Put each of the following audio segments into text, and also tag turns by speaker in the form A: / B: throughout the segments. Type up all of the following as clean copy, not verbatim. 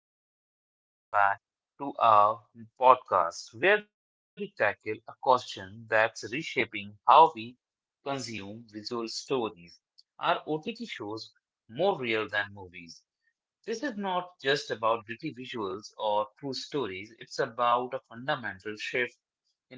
A: everyone, and welcome back to our podcast where we tackle a question that's reshaping how we consume visual stories. Are OTT shows more real than movies? This is not just about gritty visuals or true stories, it's about a fundamental shift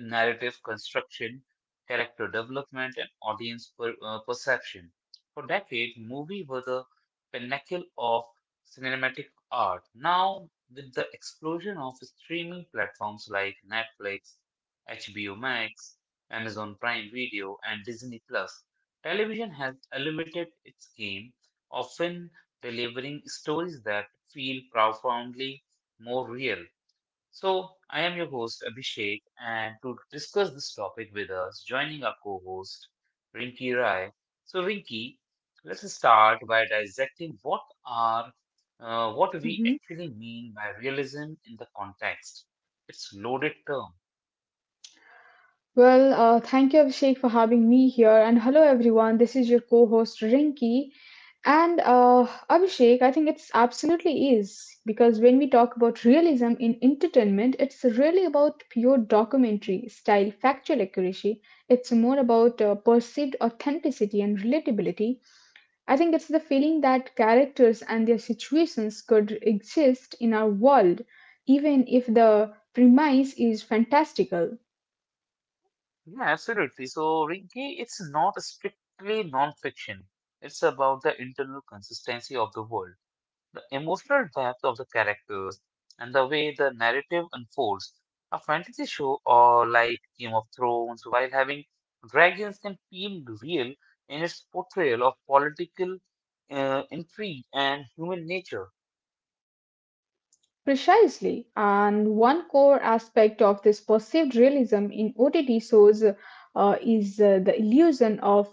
A: in narrative construction, character development, and audience perception. For decades, movies were the pinnacle of cinematic art. Now, with the explosion of streaming platforms like Netflix, HBO Max, Amazon Prime Video, and Disney Plus, television has elevated its game, often delivering stories that feel profoundly more real. So, I am your host Abhishek, and to discuss this topic with us, joining our co host Rinki Rai. So, Rinki, let's start by dissecting are what we
B: Mhm.
A: actually mean by realism in the context. It's loaded term.
B: Well, thank you, Abhishek, for having me here. And hello, everyone. This is your co host, Rinki. And Abhishek, I think it's absolutely is because when we talk about realism in entertainment, it's really about pure documentary style factual accuracy. It's more about perceived authenticity and relatability. I think it's the feeling that characters and their situations could exist in our world, even if the premise is fantastical.
A: Yeah, absolutely. So, Rinki, it's not strictly non-fiction. It's about the internal consistency of the world. The emotional depth of the characters and the way the narrative unfolds. A fantasy show or like Game of Thrones, while having dragons can feel real in its portrayal of political intrigue and human nature.
B: Precisely, and one core aspect of this perceived realism in OTT shows is the illusion of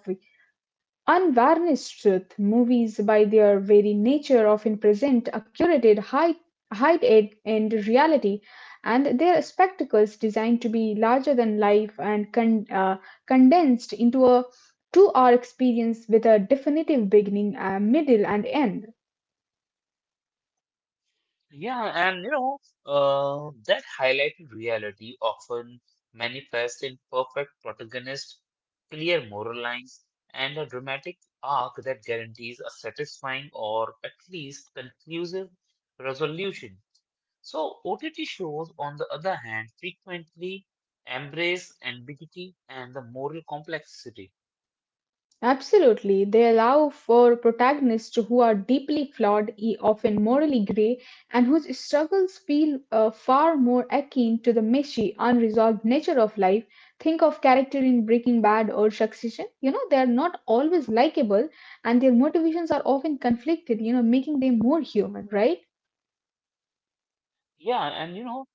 B: unvarnished truth. Movies, by their very nature, often present a curated height, height ed- and reality, and their spectacles designed to be larger than life and condensed into a to our experience with a definitive beginning, a middle, and end.
A: Yeah, and you know, that highlighted reality often manifests in perfect protagonists, clear moral lines, and a dramatic arc that guarantees a satisfying or at least conclusive resolution. So OTT shows, on the other hand, frequently embrace ambiguity and the moral complexity.
B: Absolutely. They allow for protagonists who are deeply flawed, often morally grey, and whose struggles feel far more akin to the messy, unresolved nature of life. Think of character in Breaking Bad or Succession. You know, they are not always likable, and their motivations are often conflicted, you know, making them more human, right?
A: Yeah, and you know,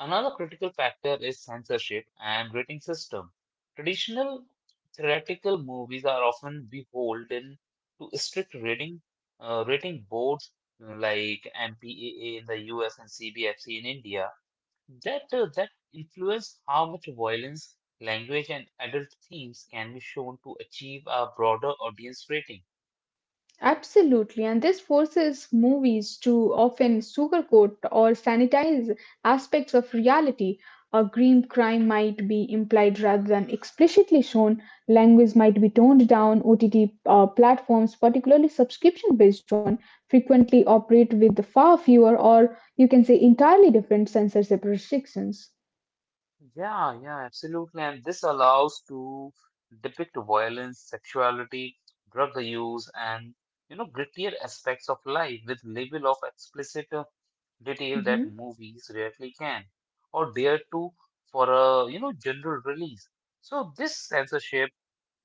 A: another critical factor is censorship and rating system. Traditional theatrical movies are often beholden to strict rating boards like MPAA in the US and CBFC in India. That influence how much violence, language, and adult themes can be shown to achieve a broader audience rating.
B: Absolutely, and this forces movies to often sugarcoat or sanitize aspects of reality. A green crime might be implied rather than explicitly shown. Language might be toned down. OTT platforms, particularly subscription based one, frequently operate with far fewer or you can say entirely different censorship restrictions.
A: Yeah, yeah, absolutely. And this allows to depict violence, sexuality, drug use, and you know grittier aspects of life with level of explicit detail that
B: Mhm.
A: movies rarely can or dare to for a you know general release. So this censorship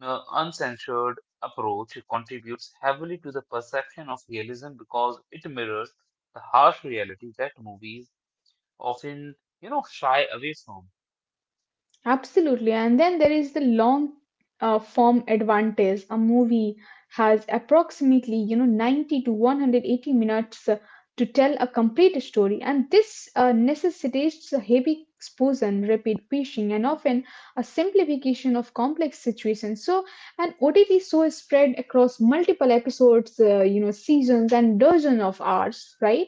A: uncensored approach contributes heavily to the perception of realism because it mirrors the harsh reality that movies often, you know, shy away from.
B: Absolutely. And then there is the long form advantage. A movie has approximately, you know, 90 to 180 minutes to tell a complete story. And this necessitates a heavy exposition, rapid pacing, and often a simplification of complex situations. So, an OTT show is spread across multiple episodes, you know, seasons, and dozens of hours, right?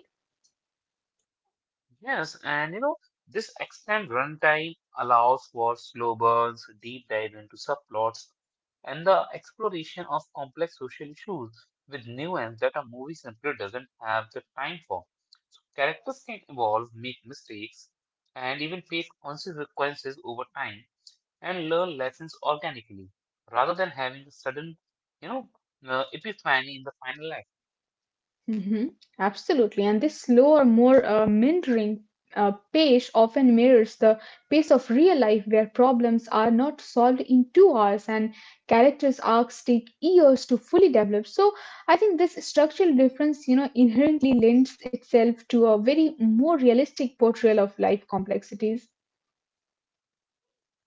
A: Yes, and you know, this extended runtime allows for slow burns, deep dive into subplots, and the exploration of complex social issues with nuance that a movie simply doesn't have the time for. So characters can evolve, make mistakes, and even face consequences over time and learn lessons organically rather than having a sudden, you know, epiphany in the final act.
B: hmm Absolutely. And this slower, more mentoring pace often mirrors the pace of real life where problems are not solved in 2 hours and characters' arcs take years to fully develop. So I think this structural difference, you know, inherently lends itself to a very more realistic portrayal of life complexities.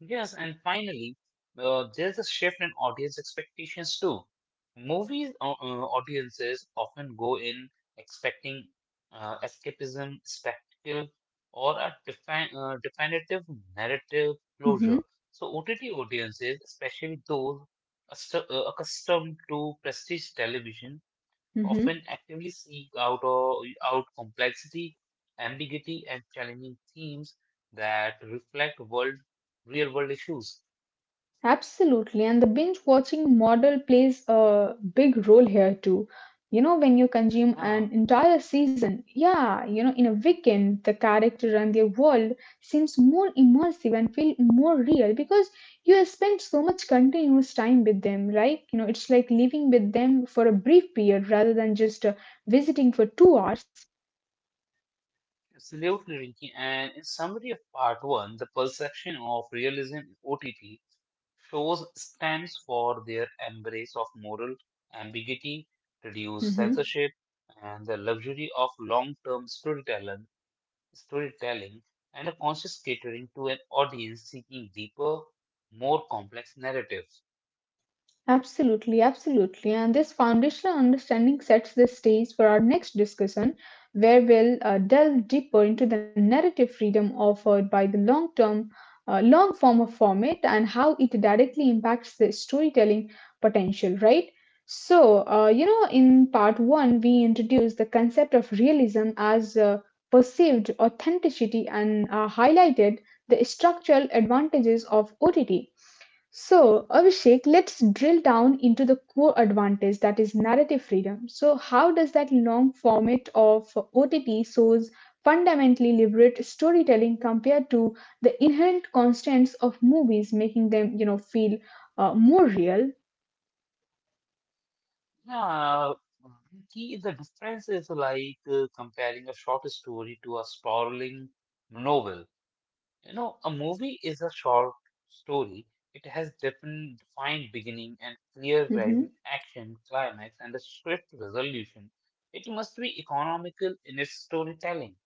A: Yes, and finally, there's a shift in audience expectations too. Movies audiences often go in expecting escapism, spectacle, or a definitive narrative
B: hmm
A: closure. So OTT audiences, especially those accustomed to prestige television,
B: hmm
A: often actively seek out complexity, ambiguity, and challenging themes that reflect world real world issues.
B: Absolutely. And the binge watching model plays a big role here too. You know, when you consume
A: Yeah,
B: an entire season, yeah, you know, in a weekend, the character and their world seems more immersive and feel more real because you have spent so much continuous time with them, right? You know, it's like living with them for a brief period rather than just visiting for 2 hours.
A: absolutely, Rinki. And in summary of part one, the perception of realism in OTT shows stands for their embrace of moral ambiguity, reduced
B: Mhm.
A: censorship, and the luxury of long-term storytelling, and a conscious catering to an audience seeking deeper, more complex narratives.
B: Absolutely, absolutely. And this foundational understanding sets the stage for our next discussion, where we'll delve deeper into the narrative freedom offered by the long term, long form of format and how it directly impacts the storytelling potential, right? So, you know, in part one, we introduced the concept of realism as perceived authenticity and highlighted the structural advantages of OTT. So, Abhishek, let's drill down into the core advantage that is narrative freedom. So, how does that long format of OTT shows fundamentally liberate storytelling compared to the inherent constraints of movies, making them, you know, feel more real?
A: Yeah, the key the difference is like comparing a short story to a sprawling novel. You know, a movie is a short story. It has defined beginning and clear rising
B: Mm-hmm.
A: action, climax, and a swift resolution. It must be economical in its storytelling.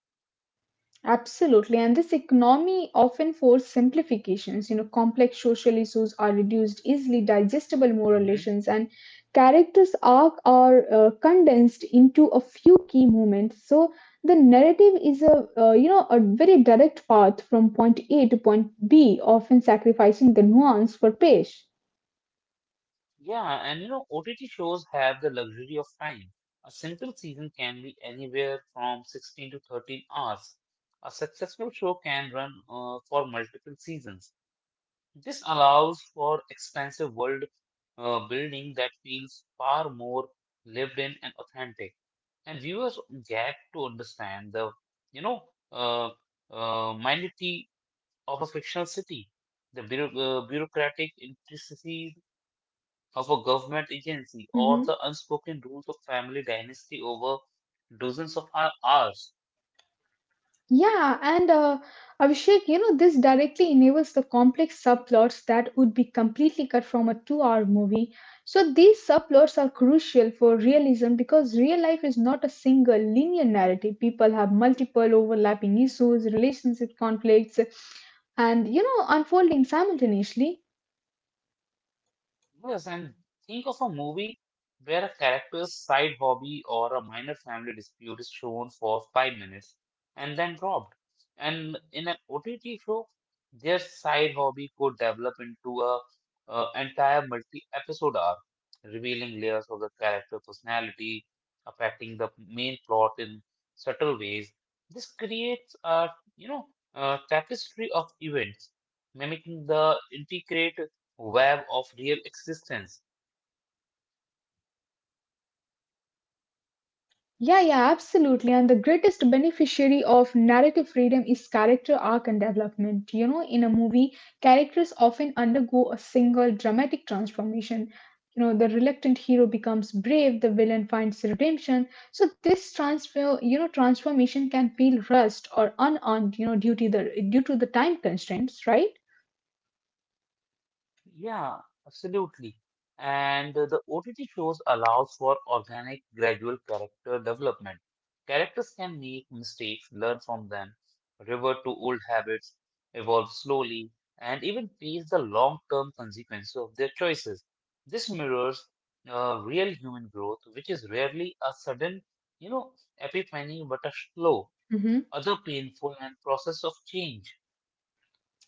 B: Absolutely. And this economy often forces simplifications. You know, complex social issues are reduced, easily digestible moral
A: Mm-hmm.
B: lessons, and characters' arc are condensed into a few key moments. So the narrative is a you know a very direct path from point A to point B, often sacrificing the nuance for pace.
A: Yeah, and you know, OTT shows have the luxury of time. A simple season can be anywhere from 16 to 13 hours. A successful show can run for multiple seasons. This allows for expansive world building that feels far more lived in and authentic. And viewers get to understand the, you know, uh, uh, minutiae of a fictional city, the bureaucratic intricacies of a government agency or the unspoken rules of family dynasty over dozens of hours.
B: Yeah, and Abhishek, you know, this directly enables the complex subplots that would be completely cut from a 2 hour movie. So these subplots are crucial for realism because real life is not a single linear narrative. People have multiple overlapping issues, relationship conflicts, and, you know, unfolding simultaneously.
A: Yes, and think of a movie where a character's side hobby or a minor family dispute is shown for 5 minutes and then dropped. And in an OTT show, their side hobby could develop into a entire multi-episode arc, revealing layers of the character personality, affecting the main plot in subtle ways. This creates a you know a tapestry of events, mimicking the intricate web of real existence.
B: Yeah, yeah, absolutely. And the greatest beneficiary of narrative freedom is character arc and development. You know, in a movie, characters often undergo a single dramatic transformation. You know, the reluctant hero becomes brave, the villain finds redemption. So this transformation can feel rushed or unearned, you know, due to the time constraints, right?
A: Yeah, absolutely. And the OTT shows allows for organic, gradual character development. Characters can make mistakes, learn from them, revert to old habits, evolve slowly, and even face the long-term consequences of their choices. This mirrors real human growth, which is rarely a sudden, you know, epiphany, but a slow,
B: Mhm.
A: other painful, and process of change.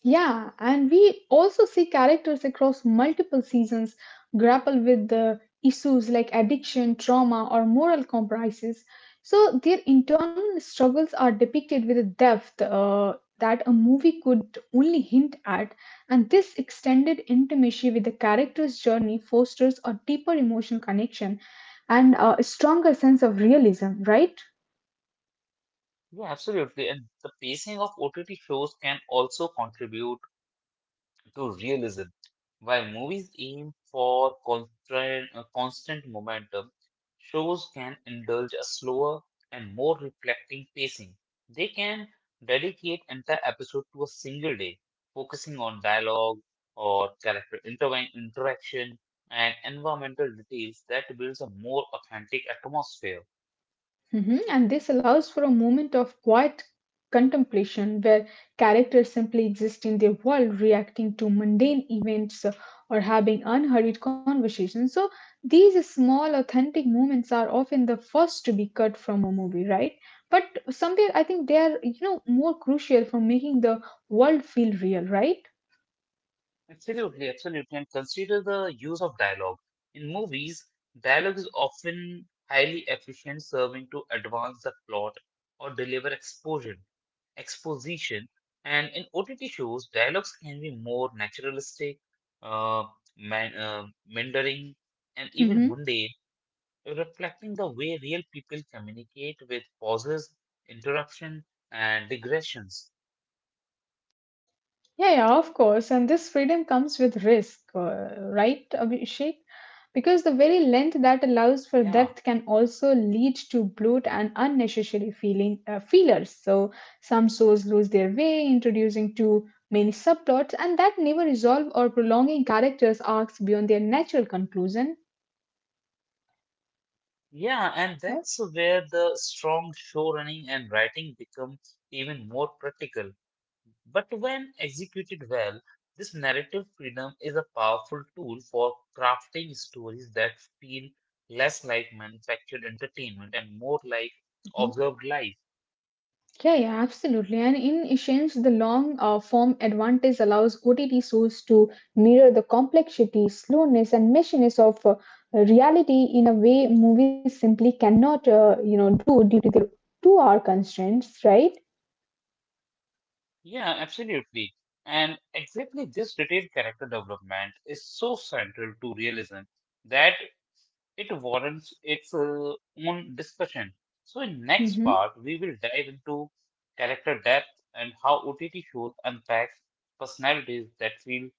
B: Yeah, and we also see characters across multiple seasons grapple with the issues like addiction, trauma, or moral compromises. So their internal struggles are depicted with a depth that a movie could only hint at, and this extended intimacy with the character's journey fosters a deeper emotional connection and a stronger sense of realism, right?
A: Yeah, absolutely. And the pacing of OTT shows can also contribute to realism. While movies aim for constant momentum, shows can indulge a slower and more reflecting pacing. They can dedicate entire episode to a single day, focusing on dialogue or character interaction and environmental details that builds a more authentic atmosphere.
B: Mhm, and this allows for a moment of quiet contemplation where characters simply exist in their world, reacting to mundane events or having unhurried conversations. So, these small, authentic moments are often the first to be cut from a movie, right? But somewhere I think they are, you know, more crucial for making the world feel real, right?
A: Absolutely, absolutely. And consider the use of dialogue. In movies, dialogue is often highly efficient, serving to advance the plot or deliver exposition. And in OTT shows, dialogues can be more naturalistic, uh, meandering, and even
B: Mhm.
A: mundane, reflecting the way real people communicate with pauses, interruption, and digressions.
B: Yeah, yeah, of course. And this freedom comes with risk, right, Abhishek? Because the very length that allows for
A: Yeah.
B: depth can also lead to bloat and unnecessary feeling feelers. So some souls lose their way, introducing too many subplots, and that never resolve or prolonging characters' arcs beyond their natural conclusion.
A: Yeah, and
B: Yeah.
A: that's where the strong show running and writing become even more practical. But when executed well, this narrative freedom is a powerful tool for crafting stories that feel less like manufactured entertainment and more like
B: mm-hmm.
A: observed life.
B: Yeah, yeah, absolutely. And in essence, the long form advantage allows OTT shows to mirror the complexity, slowness, and messiness of reality in a way movies simply cannot, you know, do due to the two-hour constraints, right?
A: Yeah, absolutely. And exactly this detailed character development is so central to realism that it warrants its own discussion. So, in next
B: Mm-hmm.
A: part, we will dive into character depth and how OTT shows unpacks personalities that feel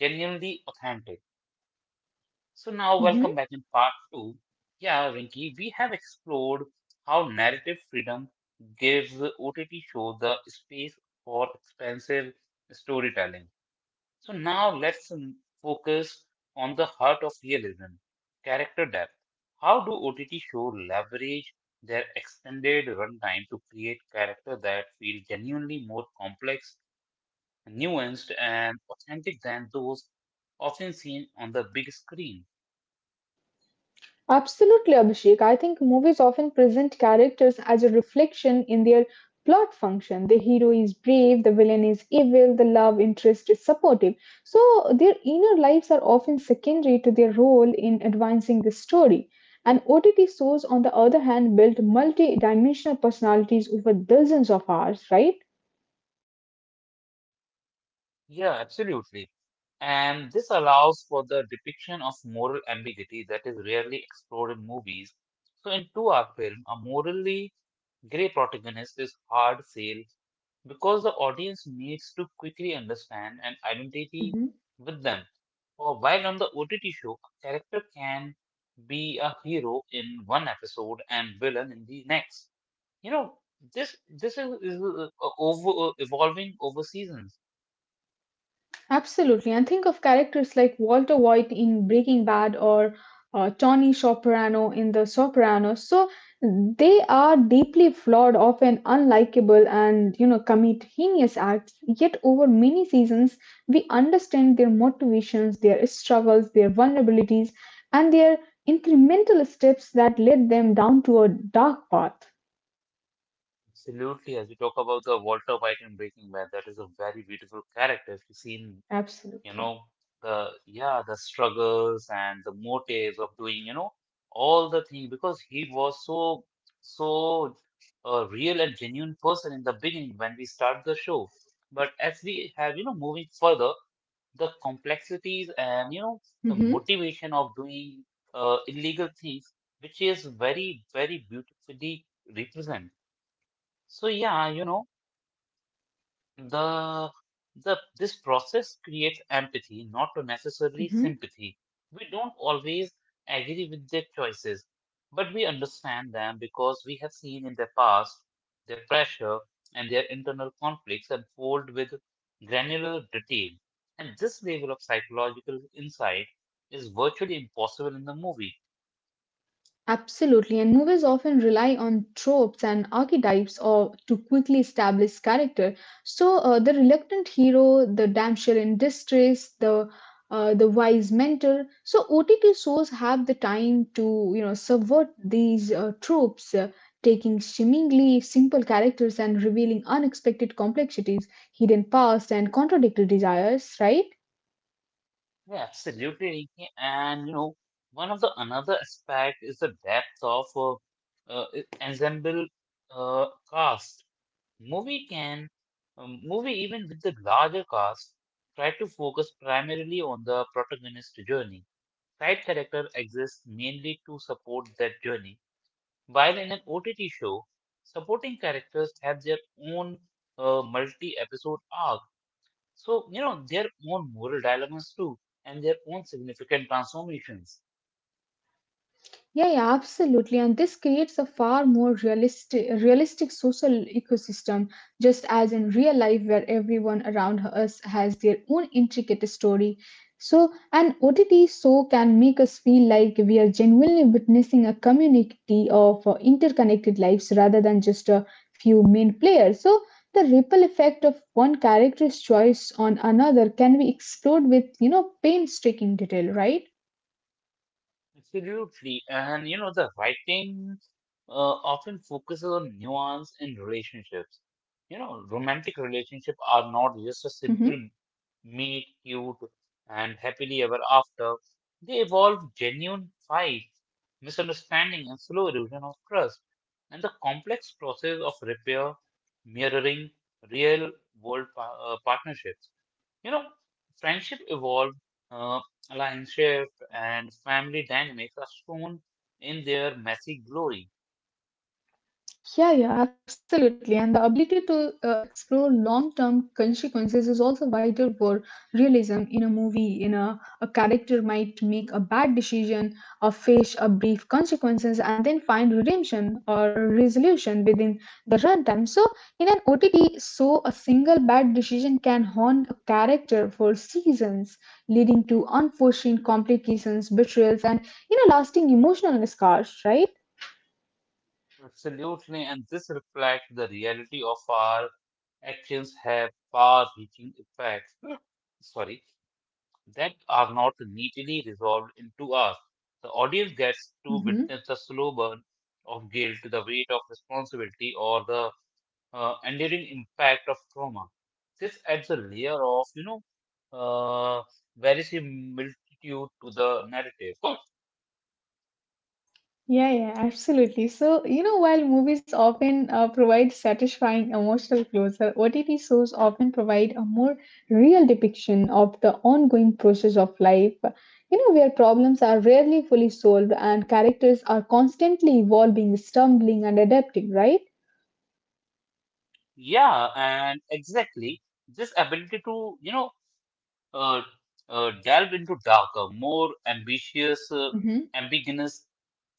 A: genuinely authentic. So, now
B: Mm-hmm.
A: welcome back in part two. Yeah, Rinki, we have explored how narrative freedom gives OTT show the space for expansive storytelling. So now let's focus on the heart of realism, character depth. How do OTT shows leverage their extended runtime to create character that feel genuinely more complex, nuanced, and authentic than those often seen on the big screen?
B: Absolutely, Abhishek. I think movies often present characters as a reflection in their plot function. The hero is brave, the villain is evil, the love interest is supportive. So, their inner lives are often secondary to their role in advancing the story. And OTT shows, on the other hand, build multi dimensional personalities over dozens of hours, right?
A: Yeah, absolutely. And this allows for the depiction of moral ambiguity that is rarely explored in movies. So in two-hour film, a morally gray protagonist is hard sale because the audience needs to quickly understand an identity with them. Or while on the OTT show, character can be a hero in one episode and villain in the next. You know, this is over evolving over seasons.
B: Absolutely. And think of characters like Walter White in Breaking Bad or Tony Soprano in The Sopranos. So they are deeply flawed, often unlikable, and you know commit heinous acts. Yet over many seasons, we understand their motivations, their struggles, their vulnerabilities, and their incremental steps that led them down to a dark path.
A: Absolutely, as we talk about the Walter White in Breaking Bad, that is a very beautiful character. If you've seen you
B: Absolutely.
A: know the struggles and the motives of doing you know all the thing because he was so a real and genuine person in the beginning when we start the show but as we have you know moving further the complexities and you know the
B: hmm
A: motivation of doing illegal things which is very very beautifully represent so yeah you know the, the this process creates empathy, not necessarily
B: hmm
A: sympathy. We don't always agree with their choices, but we understand them because we have seen in their past their pressure and their internal conflicts unfold with granular detail. And this level of psychological insight is virtually impossible in the movie.
B: Absolutely, and movies often rely on tropes and archetypes or to quickly establish character. So the reluctant hero, the damsel in distress, the wise mentor. So OTT shows have the time to you know subvert these tropes, taking seemingly simple characters and revealing unexpected complexities, hidden past, and contradictory desires. Right?
A: Yeah, absolutely. Rinki. And you know, one of the another aspect is the depth of uh, e, ensemble cast. Movie can movie even with the larger cast try to focus primarily on the protagonist's journey. Side character exists mainly to support that journey. While in an OTT show, supporting characters have their own multi-episode arc so, you know, their own moral dilemmas too, and their own significant transformations.
B: Yeah, yeah, absolutely. And this creates a far more realistic social ecosystem, just as in real life, where everyone around us has their own intricate story. So, an OTT show can make us feel like we are genuinely witnessing a community of interconnected lives rather than just a few main players. So, the ripple effect of one character's choice on another can be explored with, you know, painstaking detail, right?
A: Absolutely. And, you know, the writing often focuses on nuance in relationships.
B: Mm-hmm.
A: You know, romantic relationships are not just a simple meet cute and happily ever after. They evolve genuine fights, misunderstanding, and slow erosion of trust. And the complex process of repair, mirroring real world partnerships. You know, friendship evolved, uh, alliance and family dynamics are shown in their messy glory.
B: Yeah, yeah, absolutely. And the ability to explore long term consequences is also vital for realism in a movie. You know, a character might make a bad decision or face a brief consequences and then find redemption or a resolution within the runtime. So, in an OTT, so a single bad decision can haunt a character for seasons, leading to unforeseen complications, betrayals, and, you know, lasting emotional scars, right?
A: Absolutely, and this reflects the reality of our actions have far-reaching effects. Sorry, that are not neatly resolved into us. The audience gets to
B: hmm
A: witness the slow burn of guilt, the weight of responsibility, or the enduring impact of trauma. This adds a layer of, uh, very similitude to the narrative. So,
B: Yeah, yeah, absolutely. So, you know, while movies often provide satisfying emotional closure, OTT shows often provide a more real depiction of the ongoing process of life, you know, where problems are rarely fully solved and characters are constantly evolving, stumbling, and adapting, right?
A: yeah, and exactly this ability to you know uh, delve into darker, more ambitious,
B: Mm-hmm.
A: ambiguous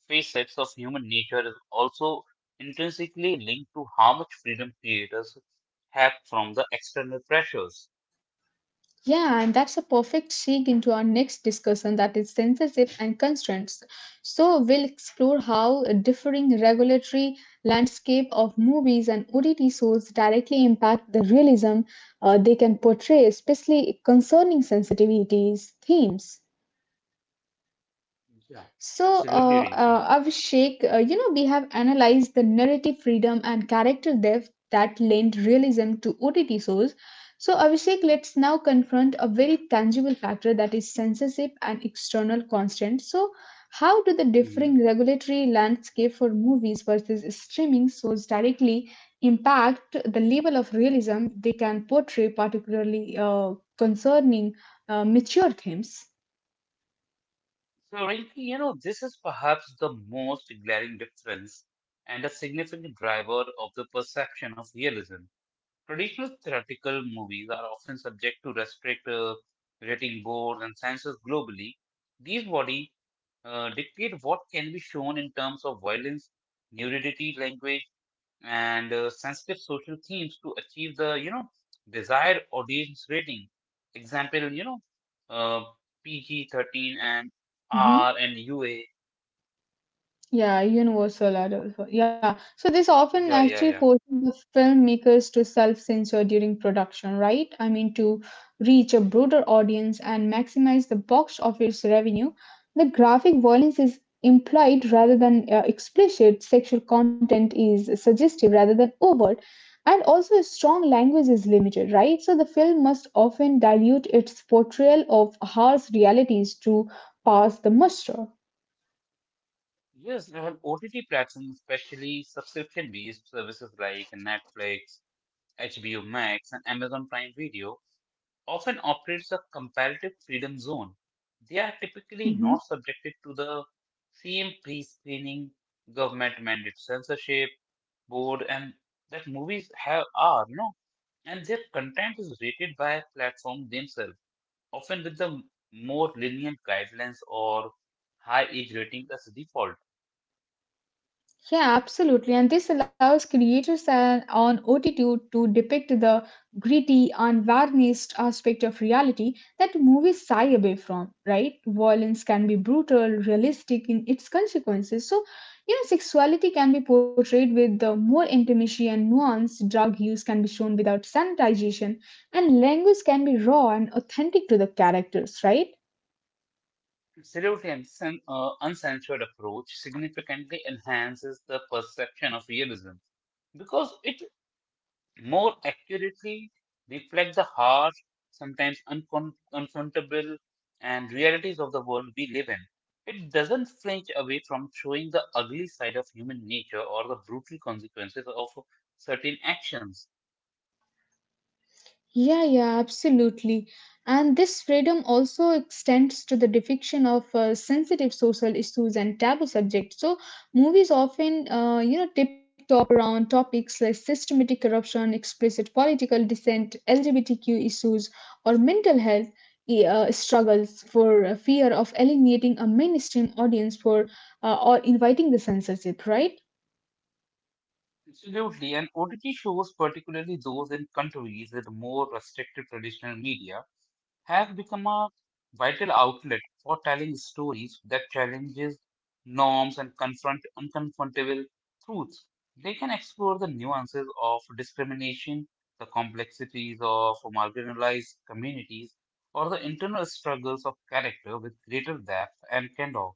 A: facets of human nature is also intrinsically linked to how much freedom creators have from the external pressures.
B: Yeah, and that's a perfect segue into our next discussion that is censorship and constraints. So, we'll explore how a differing regulatory landscape of movies and OTT shows directly impact the realism they can portray, especially concerning sensitivities themes.
A: Yeah,
B: So,
A: absolutely,
B: Abhishek, you know, we have analyzed the narrative freedom and character depth that lend realism to OTT shows. So, Abhishek, let's now confront a very tangible factor that is censorship and external constant. So, how do the
A: Rinki.
B: differing regulatory landscape for movies versus streaming shows directly impact the level of realism they can portray, particularly concerning mature themes?
A: So, Rinki, you know, this is perhaps the most glaring difference and a significant driver of the perception of realism. Traditional theatrical movies are often subject to restrict rating boards and censors globally. These bodies dictate what can be shown in terms of violence, nudity, language, and sensitive social themes to achieve the desired audience rating. Example, uh, PG 13 and
B: Mm-hmm.
A: R and UA.
B: Yeah, universal adult. Yeah. So this often
A: Yeah,
B: actually
A: yeah,
B: forces
A: yeah.
B: the filmmakers to self-censor during production, right? I mean, to reach a broader audience and maximize the box office revenue, the graphic violence is implied rather than explicit. Sexual content is suggestive rather than overt. And also, strong language is limited, right? So the film must often dilute its portrayal of harsh realities to pass the muster.
A: Yes, and OTT platforms, especially subscription-based services like Netflix, HBO Max, and Amazon Prime Video, often operates a comparative freedom zone. They are typically not
B: Mm-hmm.
A: subjected to the same pre screening, government mandated censorship, board, and that movies have are, and their content is rated by platforms themselves, often with the more lenient guidelines or high age rating as default.
B: Yeah, absolutely. And this allows creators and on OTT to depict the gritty, unvarnished aspect of reality that movies shy away from, right? Violence can be brutal, realistic in its consequences. So, you know, sexuality can be portrayed with the more intimacy and nuance. Drug use can be shown without sanitization, and language can be raw and authentic to the characters, right?
A: Uncensored approach significantly enhances the perception of realism because it more accurately reflect the harsh, sometimes uncon- and realities of the world we live in. It doesn't flinch away from showing the ugly side of human nature or the brutal consequences of certain actions.
B: Yeah, yeah, absolutely. And this freedom also extends to the depiction of sensitive social issues and taboo subjects. So, movies often, tip-top around topics like systematic corruption, explicit political dissent, LGBTQ issues, or mental health struggles for fear of alienating a mainstream audience for or inviting the censorship, right?
A: Absolutely, and OTT shows, particularly those in countries with more restricted traditional media, have become a vital outlet for telling stories that challenges norms and confront unconfrontable truths. They can explore the nuances of discrimination, the complexities of marginalized communities, or the internal struggles of character with greater depth and candor.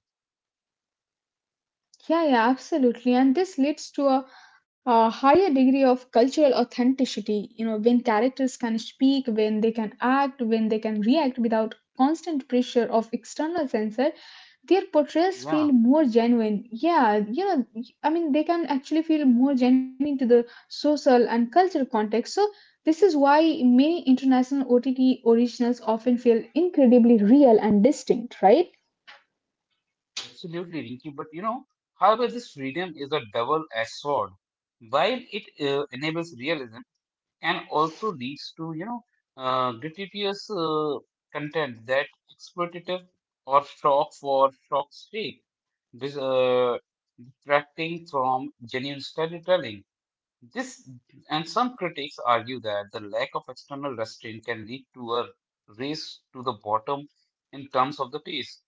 B: Yeah, yeah, absolutely. And this leads to a higher degree of cultural authenticity. You know, when characters can speak, when they can act, when they can react without constant pressure of external censor, their portrayals
A: Yeah,
B: feel more genuine. Yeah, you know, I mean, they can actually feel more genuine to the social and cultural context. So, this is why many international OTT originals often feel incredibly real and distinct, right?
A: absolutely, Rinky. However, this freedom is a double-edged sword. While it enables realism, and also leads to gratuitous content that exploitative or shock for shock's sake, this, uh, detracting from genuine storytelling. This and some critics argue that the lack of external restraint can lead to a race to the bottom in terms of the pace.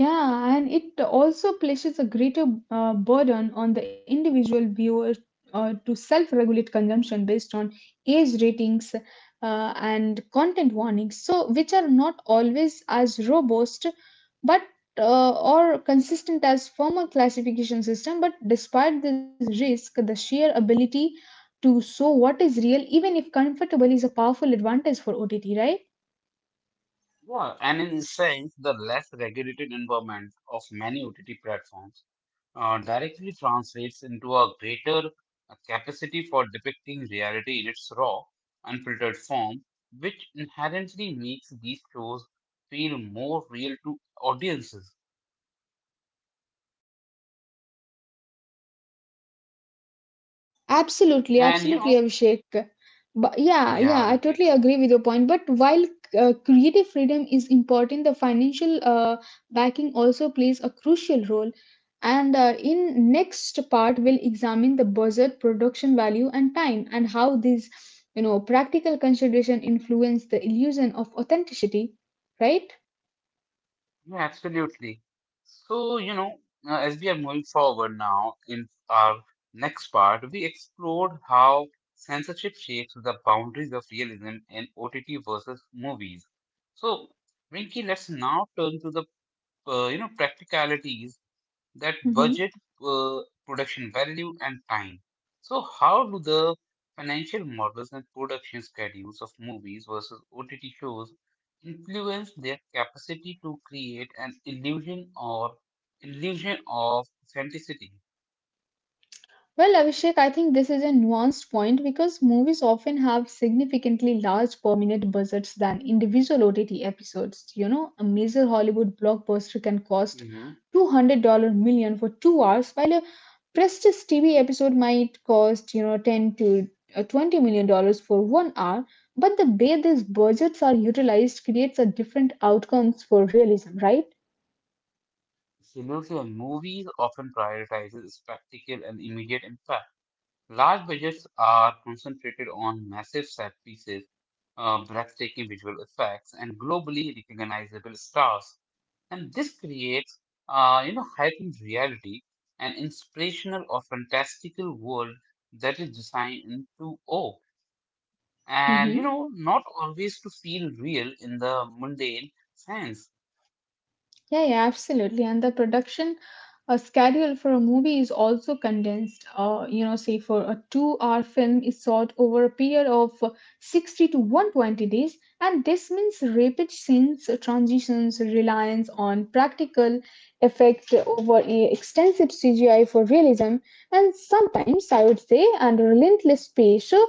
B: Yeah, and it also places a greater burden on the individual viewer to self regulate consumption based on age ratings and content warnings, so which are not always as robust but or consistent as former classification system. But despite this risk, the sheer ability to show what is real, even if comfortable, is a powerful advantage for ott, right?
A: Yeah, and in a sense, the less regulated environment of many OTT platforms directly translates into a greater capacity for depicting reality in its raw, unfiltered form, which inherently makes these shows feel more real to audiences.
B: Absolutely,
A: And you know,
B: absolutely,
A: yes.
B: Abhishek. But yeah,
A: Yeah,
B: yeah, I
A: Rinke,
B: totally agree with your point. But while creative freedom is important, the financial backing also plays a crucial role. And in next part, we'll examine the budget, production value, and time, and how these, you know, practical consideration influence the illusion of authenticity, right?
A: yeah, absolutely. So, as we are moving forward now in our next part, we explored how censorship shapes the boundaries of realism in OTT versus movies. So, Rinky, let's now turn to the practicalities, that budget,
B: Mhm.
A: uh, production value, and time. So how do the financial models and production schedules of movies versus ott shows influence their capacity to create an illusion of authenticity?
B: Well, Abhishek, I think this is a nuanced point because movies often have significantly large per minute budgets than individual OTT episodes. You know, a major Hollywood blockbuster can cost
A: Mm-hmm.
B: $200 million for 2 hours, while a prestige TV episode might cost, you know, 10 to 20 million dollars for 1 hour. But the way these budgets are utilized creates a different outcomes for realism, right?
A: Movies often prioritizes spectacle and immediate impact. Large budgets are concentrated on massive set pieces, breathtaking visual effects, and globally recognizable stars. And this creates, heightened reality, an inspirational or fantastical world that is designed into awe, and not always to feel real in the mundane sense.
B: Yeah, yeah, absolutely. And the production schedule for a movie is also condensed. You know, say for a 2 hour film is shot over a period of 60 to 120 days. And this means rapid scenes, transitions, reliance on practical effect over a extensive CGI for realism. And sometimes, I would say, under relentless pressure,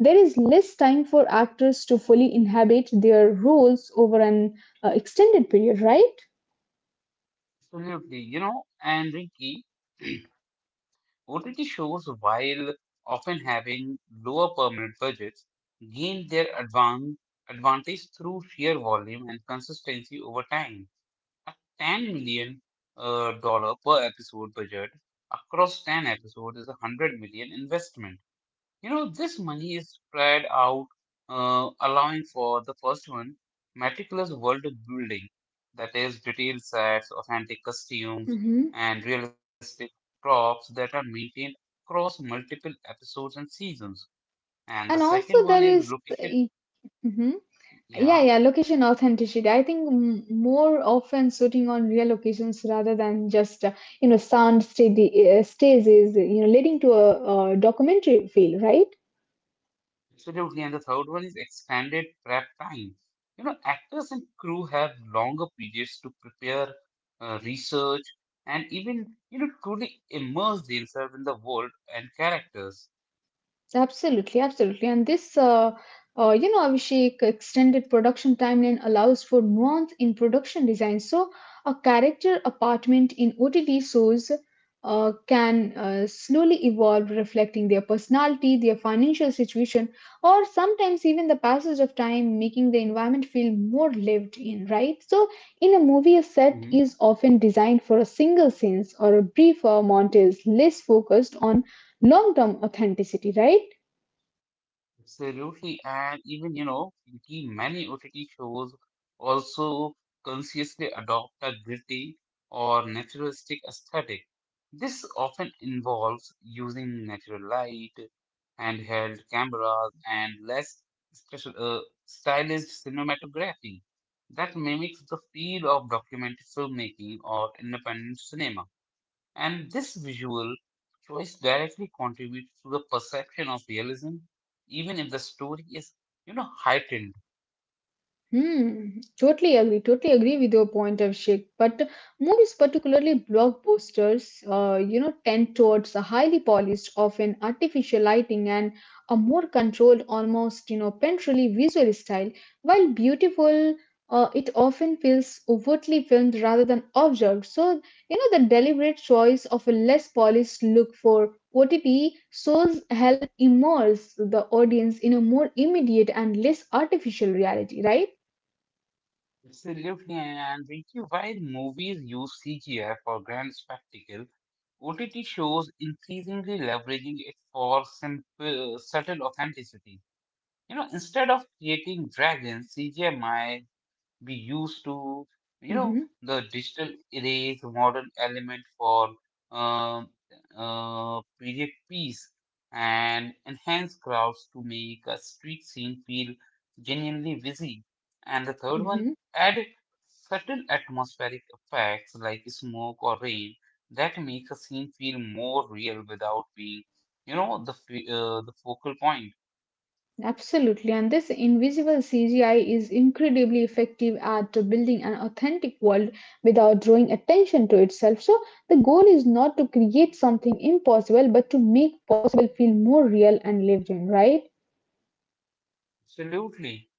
B: there is less time for actors to fully inhabit their roles over an extended period, right?
A: Absolutely, you know, and Rinky. OTT shows, while often having lower permanent budgets, gained their advantage through sheer volume and consistency over time. A $10 million dollar per episode budget across 10 episodes is a $100 investment. You know, this money is spread out, allowing for the first one, meticulous world building, that is, detailed sets, authentic costumes,
B: Mhm.
A: and realistic props that are maintained across multiple episodes and seasons. And the
B: And
A: second
B: also
A: one is
B: there is
A: location,
B: e- mhm.
A: yeah.
B: Yeah, yeah, location authenticity. I think more often shooting on real locations rather than just you know sound steady, stays is you know leading to a documentary feel, right?
A: Absolutely. And the third one is extended prep time. You know, actors and crew have longer periods to prepare, research, and even, you know, truly immerse themselves in the world and characters.
B: Absolutely, absolutely. And this, you know, Abhishek, extended production timeline allows for nuance in production design. So, a character apartment in OTT shows can slowly evolve, reflecting their personality, their financial situation, or sometimes even the passage of time, making the environment feel more lived in, right? So, in a movie, a set
A: Mm-hmm.
B: is often designed for a single scene or a briefer montage, less focused on long term authenticity, right?
A: Absolutely, and even you know, many OTT shows also consciously adopt a gritty or naturalistic aesthetic. This often involves using natural light, handheld cameras, and less special, uh, stylized cinematography that mimics the feel of documentary filmmaking or independent cinema. And this visual choice directly contributes to the perception of realism, even if the story is, you know, heightened.
B: Hmm, totally agree. Totally agree with your point of Sheikh. But movies, particularly blockbusters, tend towards a highly polished, often artificial lighting and a more controlled, almost you know, painterly visual style. While beautiful, it often feels overtly filmed rather than observed. So you know, the deliberate choice of a less polished look for OTT shows help immerse the audience in a more immediate and less artificial reality, right?
A: Absolutely, and Ricky, while movies use CGI for grand spectacle, OTT shows increasingly leveraging it for simple, subtle authenticity. You know, instead of creating dragons, CGI might we used to, you know,
B: Hmm.
A: the digital erase modern element for uh, period piece and enhance crowds to make a street scene feel genuinely busy. And the third one,
B: Hmm.
A: add subtle atmospheric effects like smoke or rain that make a scene feel more real without being, you know, the focal point.
B: Absolutely. And this invisible CGI is incredibly effective at building an authentic world without drawing attention to itself. So, the goal is not to create something impossible, but to make possible feel more real and lived in, right?
A: Absolutely.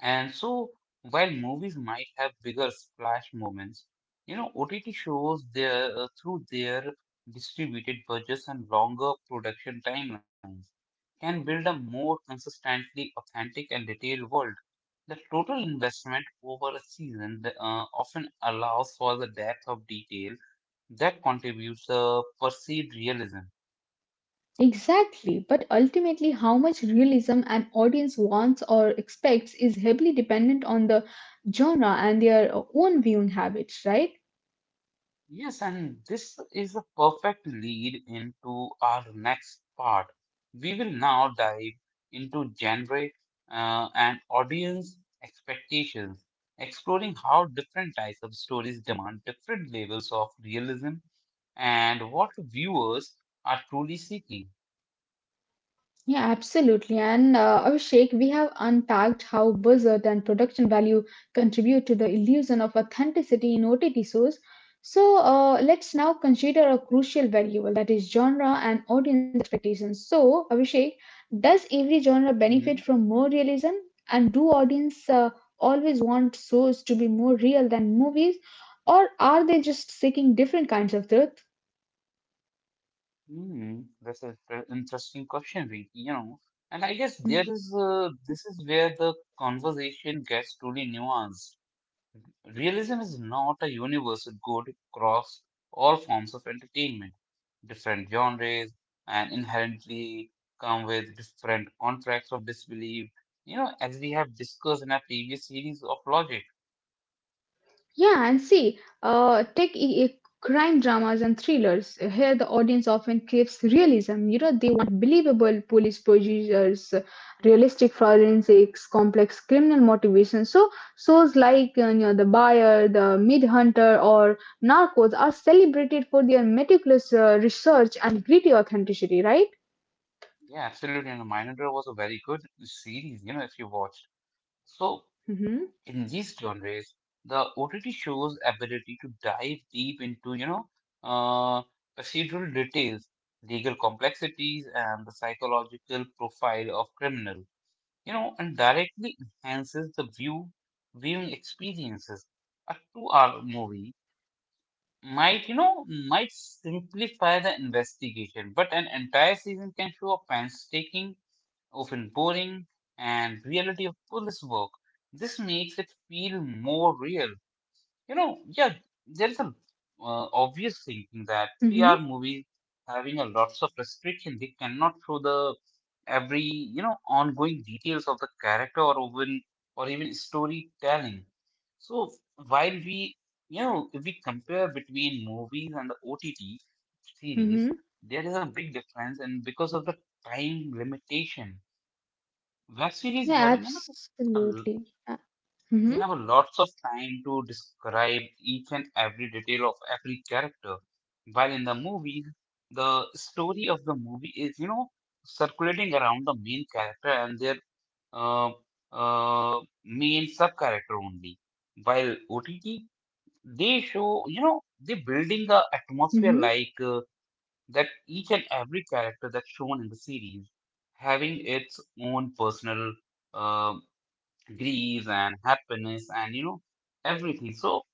A: And so, while movies might have bigger splash moments, you know, OTT shows their through their distributed budgets and longer production timelines can build a more consistently authentic and detailed world. The total investment over a season often allows for the depth of detail that contributes the perceived realism.
B: Exactly. But ultimately, how much realism an audience wants or expects is heavily dependent on the genre and their own viewing habits, right?
A: Yes, and this is a perfect lead into our next part. We will now dive into genre and audience expectations, exploring how different types of stories demand different levels of realism and what viewers are truly seeking.
B: Yeah, absolutely. And Abhishek, we have unpacked how buzzard and production value contribute to the illusion of authenticity in OTT shows. So let's now consider a crucial variable that is genre and audience expectations. So, Abhishek, does every genre benefit
A: Hmm.
B: from more realism? And do audience always want shows to be more real than movies? Or are they just seeking different kinds of truth?
A: Hmm, that's an interesting question, Rinki, you know. And I guess there
B: Mm-hmm.
A: is this is where the conversation gets truly nuanced. Realism is not a universal good across all forms of entertainment. Different genres and inherently come with different contracts of disbelief, you know, as we have discussed in our previous series of Logic.
B: Yeah, and see, take crime dramas and thrillers. Here, the audience often craves realism. You know, they want believable police procedures, realistic forensics, complex criminal motivations. So, shows like you know, The Buyer, The Mid-Hunter, or Narcos are celebrated for their meticulous research and gritty authenticity, right?
A: Yeah, absolutely. And Mindhunter was a very good series, you know, if you watched. So
B: Mm-hmm.
A: in these genres, the OTT shows ability to dive deep into, uh, procedural details, legal complexities, and the psychological profile of criminal, you know, and directly enhances the viewing experiences. A two-hour movie might, you know, might simplify the investigation, but an entire season can show a painstaking, often boring, and reality of police work. This makes it feel more real. You know, yeah, there is some obvious thinking that
B: Mm-hmm.
A: 3R movies having a lots of restriction, they cannot show the every, you know, ongoing details of the character or even storytelling. So while we, you know, if we compare between movies and the OTT series,
B: Mm-hmm.
A: there is a big difference, and because of the time limitation, web series
B: Yeah,
A: having
B: absolutely.
A: they
B: Mm-hmm.
A: have lots of time to describe each and every detail of every character. While in the movies, the story of the movie is, you know, circulating around the main character and their uh, uh, main sub character only. While OTT, they show, you know, they building the atmosphere
B: Mm-hmm.
A: like that each and every character that's shown in the series having its own personal uh, griefs and happiness and, you know, everything. So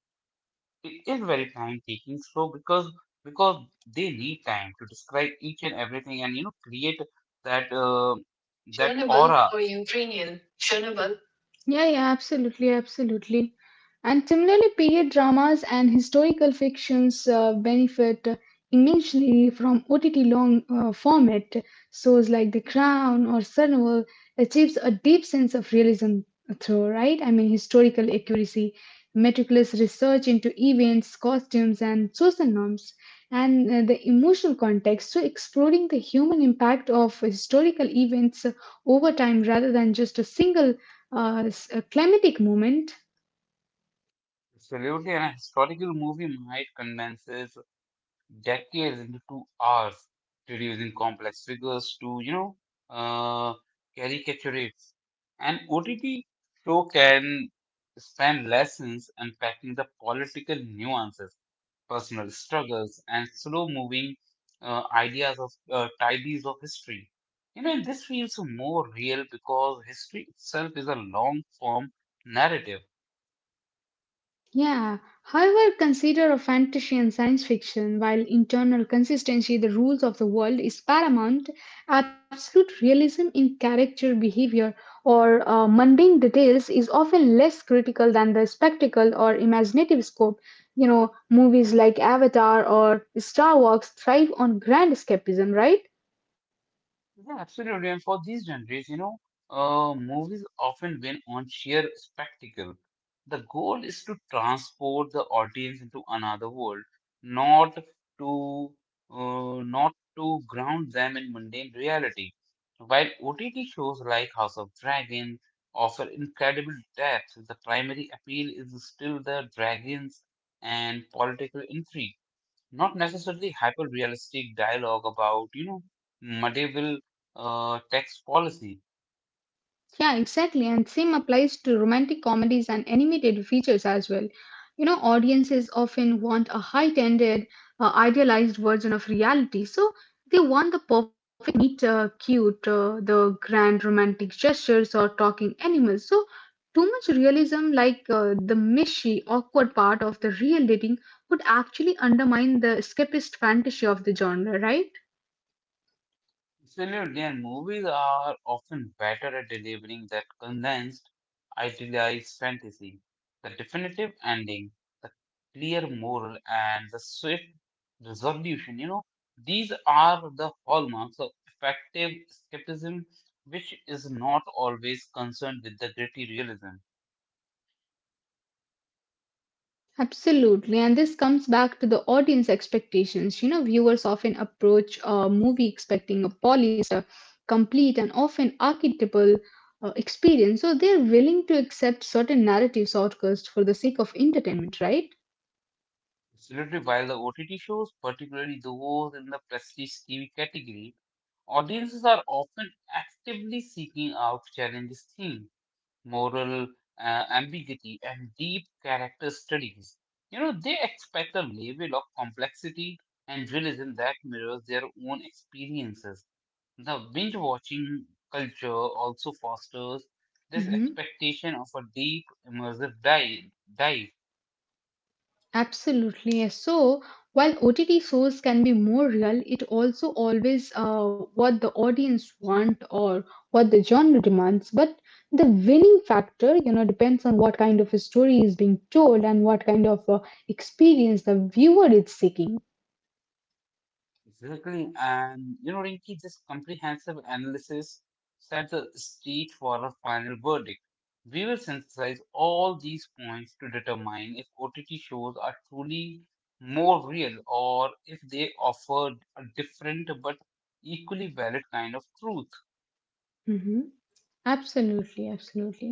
A: it is very time taking. Because they need time to describe each and everything and you know create that uh, that
B: Chernobyl
A: aura.
B: or Ukrainian Chernobyl. Yeah, yeah, absolutely, absolutely. And similarly, period dramas and historical fictions benefit immensely from OTT long format. Shows like The Crown or Survival achieves a deep sense of realism through, right? I mean, historical accuracy, meticulous research into events, costumes, and social norms, and the emotional context. So, exploring the human impact of historical events over time rather than just a single a climatic moment.
A: Absolutely, and a historical movie might condenses decades into 2 hours, reducing complex figures to uh, caricatures. And OTT show can span lessons unpacking the political nuances personal struggles, and slow moving ideas of tidies of history. You know, and this feels more real because history itself is a long form narrative.
B: Yeah. However, consider a fantasy and science fiction, while internal consistency, the rules of the world, is paramount, absolute realism in character behavior or mundane details is often less critical than the spectacle or imaginative scope. You know, movies like Avatar or Star Wars thrive on grand escapism, right?
A: Yeah, absolutely. And for these genres, movies often win on sheer spectacle. The goal is to transport the audience into another world, not to not to ground them in mundane reality. While OTT shows like House of Dragon offer incredible depth, the primary appeal is still the dragons and political intrigue, not necessarily hyper-realistic dialogue about, medieval tax policy.
B: Yeah, exactly. And same applies to romantic comedies and animated features as well. You know, audiences often want a heightened, idealized version of reality. So they want the perfect meet cute, the grand romantic gestures or talking animals. So too much realism, like the mishy, awkward part of the real dating, would actually undermine the escapist fantasy of the genre, right?
A: Absolutely, and movies are often better at delivering that condensed, idealized fantasy, the definitive ending, the clear moral, and the swift resolution. You know, these are the hallmarks of effective skepticism, which is not always concerned with the gritty realism.
B: Absolutely, and this comes back to the audience expectations. You know, viewers often approach a movie expecting a polished, complete, and often archetypal experience. So they're willing to accept certain narrative shortcuts for the sake of entertainment, right?
A: Absolutely, while the OTT shows, particularly those in the prestige TV category, audiences are often actively seeking out challenges theme, moral ambiguity, and deep character studies. You know, they expect a level of complexity and realism that mirrors their own experiences. The binge watching culture also fosters this
B: Mhm.
A: expectation of a deep, immersive dive.
B: Absolutely. Yes. So while OTT shows can be more real, it also always what the audience want or what the genre demands. But the winning factor, you know, depends on what kind of a story is being told and what kind of experience the viewer is seeking.
A: Exactly. And you know, Rinki, this comprehensive analysis set the stage for a final verdict. We will synthesize all these points to determine if OTT shows are truly more real or if they offer a different but equally valid kind of truth.
B: Hmm. Absolutely, absolutely.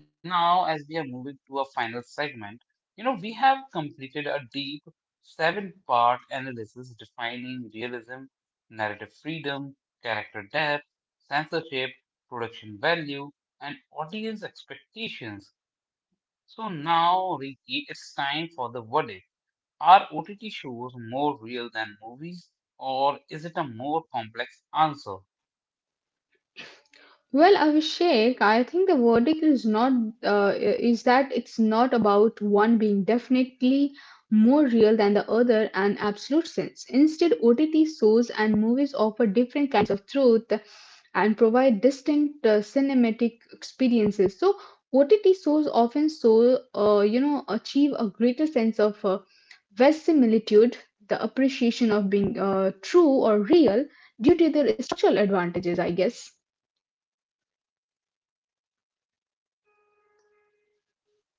A: So now, as we are moving to a final segment, you know, we have completed a deep seven-part analysis defining realism, narrative freedom, character depth, censorship, production value, and audience expectations. So now, Ricky, it's time for the verdict. Are OTT shows more real than movies, or is it a more complex answer?
B: Well, Abhishek, I think the verdict is not is that it's not about one being definitely more real than the other and absolute sense. Instead, OTT shows and movies offer different kinds of truth and provide distinct cinematic experiences. So, OTT shows often so you know achieve a greater sense of verisimilitude, the appreciation of being true or real due to their structural advantages, I guess.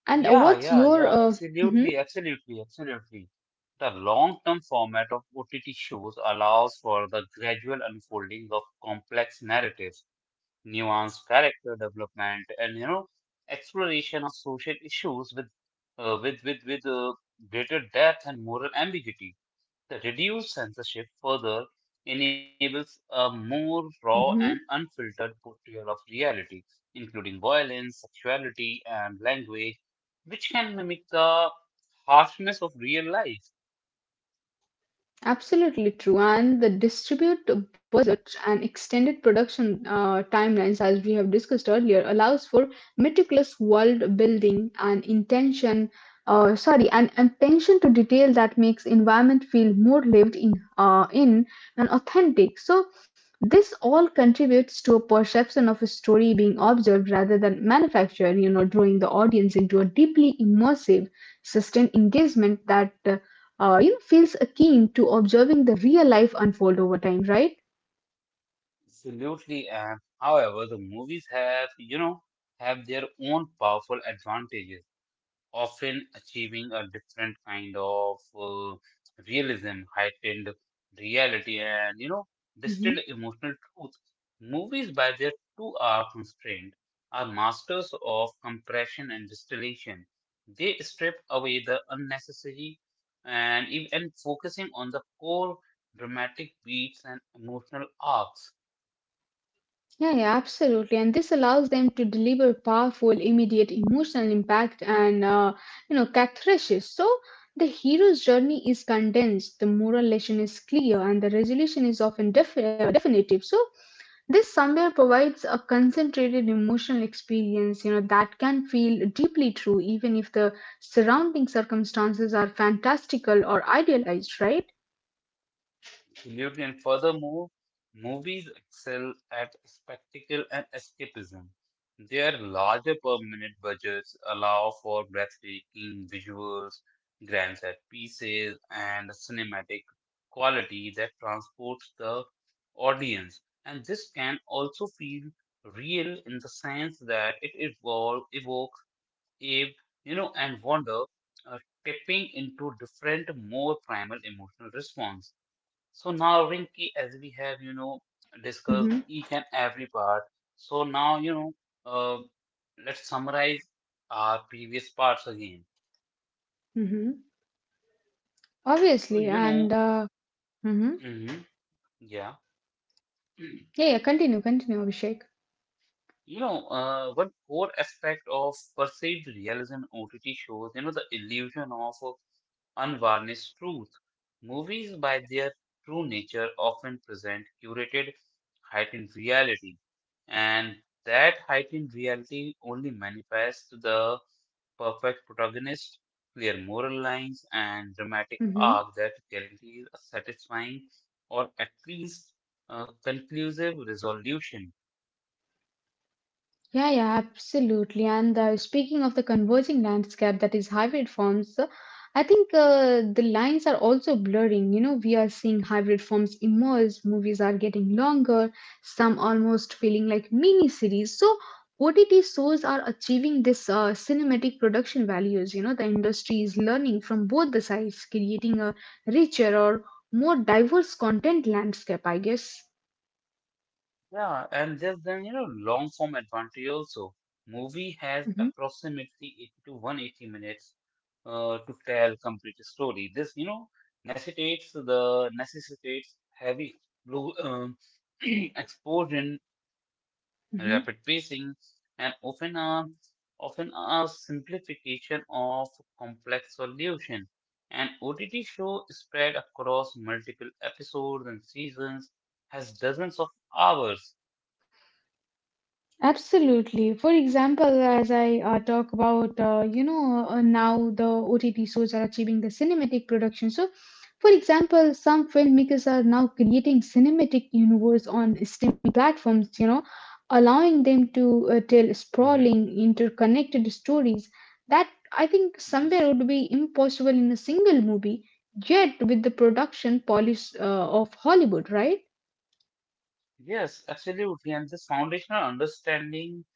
B: And
A: Yeah,
B: what's
A: yeah,
B: your
A: yeah,
B: mhm,
A: absolutely, absolutely, absolutely. The long-term format of OTT shows allows for the gradual unfolding of complex narratives, nuanced character development, and exploration of social issues with uh, with with with uh, greater depth and moral ambiguity. The reduced censorship further enables a more raw and
B: mhm,
A: unfiltered portrayal of reality, including violence, sexuality, and language, which can mimic the harshness of real life.
B: absolutely true. And the distribute budget and extended production timelines, as we have discussed earlier, allows for meticulous world building and intention. Sorry, and attention to detail that makes environment feel more lived in, uh, in and authentic. So this all contributes to a perception of a story being observed rather than manufactured, you know, drawing the audience into a deeply immersive, sustained engagement that, you know, feels akin to observing the real life unfold over time, right?
A: Absolutely, and however, the movies have, have their own powerful advantages. Often achieving a different kind of uh, realism, heightened reality, and
B: Mhm.
A: distilled emotional truth. Movies, by their 2 hour constraint, are masters of compression and distillation. They strip away the unnecessary and focusing on the core dramatic beats and emotional arcs.
B: Yeah, yeah, absolutely. And this allows them to deliver powerful, immediate emotional impact and, you know, catharsis. So the hero's journey is condensed, the moral lesson is clear, and the resolution is often definitive. So this somewhere provides a concentrated emotional experience, you know, that can feel deeply true even if the surrounding circumstances are fantastical or idealized, right?
A: Absolutely. And furthermore, movies excel at spectacle and escapism. Their larger permanent budgets allow for breathtaking visuals, grand set pieces, and cinematic quality that transports the audience. And this can also feel real in the sense that it evokes awe, and wonder, uh, tapping into different, more primal emotional response. So now, Rinki, as we have, discussed
B: Hmm.
A: each and every part, so now, uh, let's summarize our previous parts again.
B: Hmm.
A: So,
B: Obviously,
A: you know,
B: and mhm.
A: hmm yeah.
B: Yeah, yeah, continue, continue, Abhishek.
A: One core aspect of perceived realism OTT shows, you know, the illusion of unvarnished truth. Movies, by their true nature, often present curated, heightened reality, and that heightened reality only manifests to the perfect protagonist, clear moral lines, and dramatic
B: Mm-hmm.
A: arc that guarantees a satisfying or at least conclusive resolution.
B: Yeah, yeah, absolutely. And speaking of the converging landscape that is hybrid forms, I think the lines are also blurring. You know, we are seeing hybrid forms emerge, movies are getting longer, some almost feeling like mini series. So, OTT shows are achieving this cinematic production values. You know, the industry is learning from both the sides, creating a richer or more diverse content landscape, I guess.
A: Yeah, and there's then, you know, long form advantage also. Movie has
B: Hmm.
A: approximately 80 to 180 minutes to tell complete story. This, you know, necessitates heavy blue exposure,
B: Hmm.
A: rapid pacing, and often a simplification of complex solution. An OTT show spread across multiple episodes and seasons has dozens of hours.
B: Absolutely. For example, as I talk about, now the OTT shows are achieving the cinematic production. So, for example, some filmmakers are now creating cinematic universe on streaming platforms, you know, allowing them to tell
A: Mm-hmm.
B: sprawling, interconnected stories that I think somewhere
A: Yes.
B: would be impossible in a single movie, yet with the production polish of Hollywood, right?
A: Yes, absolutely. And this foundational understanding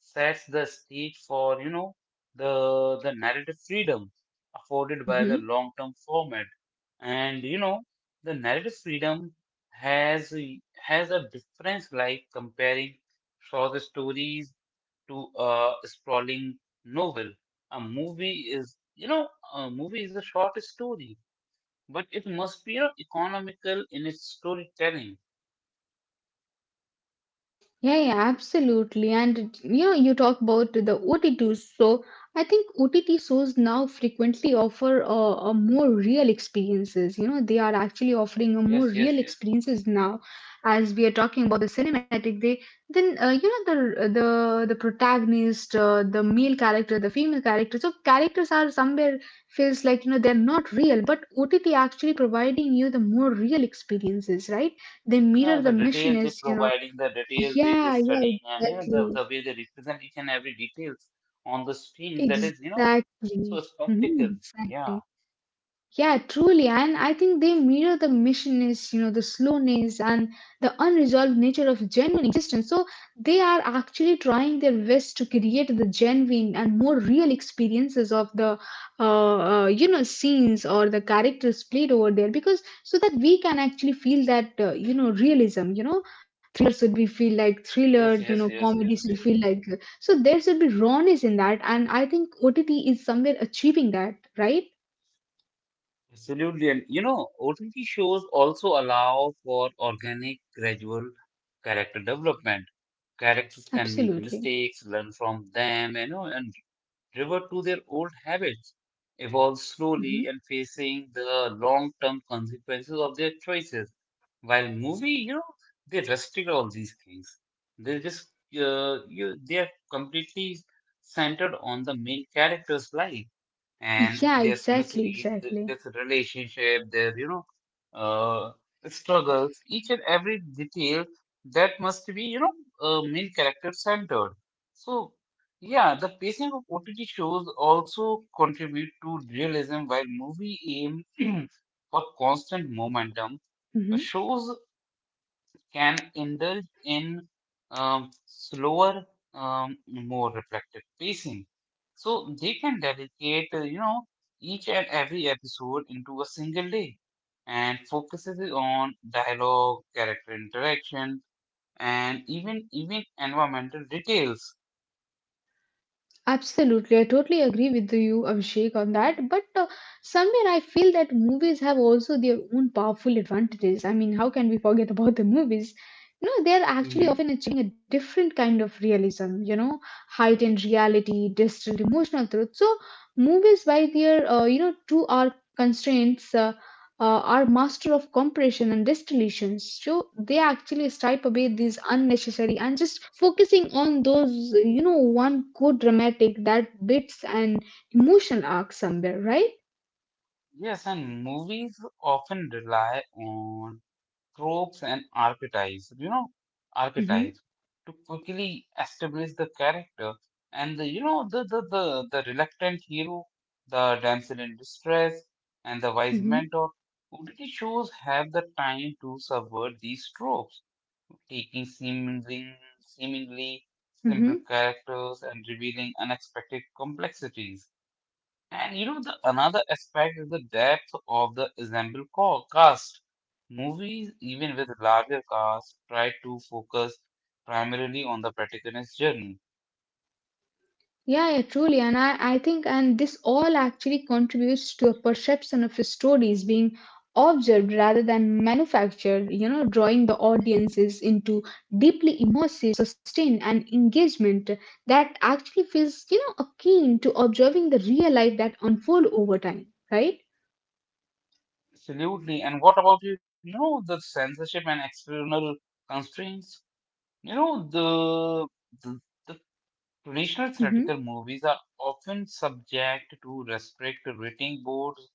A: sets the stage for, you know, the narrative freedom afforded by the
B: Mhm.
A: long-term format. And you know, the narrative freedom has a- has a difference like comparing short stories to a sprawling novel. A movie is, you know, a movie is a short story, but it must be, you know, economical in its storytelling.
B: Yeah, yeah, absolutely. And you know, you talk about the OTTs. So I think OTT shows now frequently offer a more real experiences. You know, they are actually offering a
A: Yes,
B: more
A: yes,
B: real
A: yes.
B: experiences now. As we are talking about the cinematic, they then you know the protagonist, the male character, the female character. So characters are somewhere feels like they're not real, but OTT actually providing you the more real experiences, right? They
A: Yeah,
B: mirror
A: the
B: the mission
A: details they
B: is
A: providing, the details they
B: yeah,
A: studying,
B: yeah,
A: and you know the
B: exactly.
A: way they represent each and every details on the screen. That is, you know,
B: Exactly.
A: so
B: Mhm,
A: spectacle. Yeah.
B: exactly. Yeah, truly. And I think they mirror the missiness, you know, the slowness and the unresolved nature of genuine existence. So they are actually trying their best to create the genuine and more real experiences of the, you know, scenes or the characters played over there because so that we can actually feel that, you know, realism, Should be feel like
A: Yes.
B: thriller,
A: Yes.
B: you know,
A: Yes. Yes.
B: comedy
A: Yes.
B: should feel like so there should be rawness in that, and I think OTT is somewhere achieving that, right?
A: Absolutely. And you know, OTT shows also allow for organic, gradual character development. Characters can make
B: Absolutely.
A: mistakes, learn from them, you know, and revert to their old habits, evolve slowly
B: Hmm.
A: and facing the long-term consequences of their choices. While movie, you know, they restrict all these things. They just you they are completely centered on the main character's life and
B: Yeah,
A: their
B: exactly,
A: misery, their
B: exactly.
A: relationship, their uh, struggles, each and every detail that must be main character centered. So yeah, the pacing of OTT shows also contribute to realism while movie aim for constant
B: Hmm.
A: momentum. The shows can indulge in slower, more reflective pacing. So they can dedicate, you know, each and every episode into a single day and focuses it on dialogue, character interaction, and even environmental details.
B: Absolutely, I totally agree with you, Abhishek, on that. But somewhere I feel that movies have also their own powerful advantages. I mean, how can we forget about the movies? You know, they're actually
A: Mm-hmm.
B: often achieving a different kind of realism, you know, heightened reality, distilled emotional truth. So, movies, by their, you know, 2 hour constraints, are master of compression and distillations. So, they actually stripe away these unnecessary and just focusing on those, you know, one good dramatic that bits and emotional arc somewhere, right?
A: Yes, and movies often rely on tropes and archetypes,
B: Mm-hmm.
A: archetypes to quickly establish the character and the, you know, the reluctant hero, the damsel in distress, and the wise
B: Mm-hmm.
A: mentor. OTT shows have the time to subvert these tropes, taking seemingly simple
B: Mm-hmm.
A: characters and revealing unexpected complexities. And you know, the another aspect is the depth of the ensemble cast. Movies, even with larger casts, try to focus primarily on the protagonist's journey.
B: Yeah, yeah, truly. And I think and this all actually contributes to a perception of stories being observed rather than manufactured, you know, drawing the audiences into deeply immersive sustained and engagement that actually feels, you know, akin to observing the real life that unfold over time, right?
A: Absolutely. And what about you? Know the censorship and external constraints. You know the, the Traditional
B: Mm-hmm.
A: theatrical movies are often subject to restrict rating boards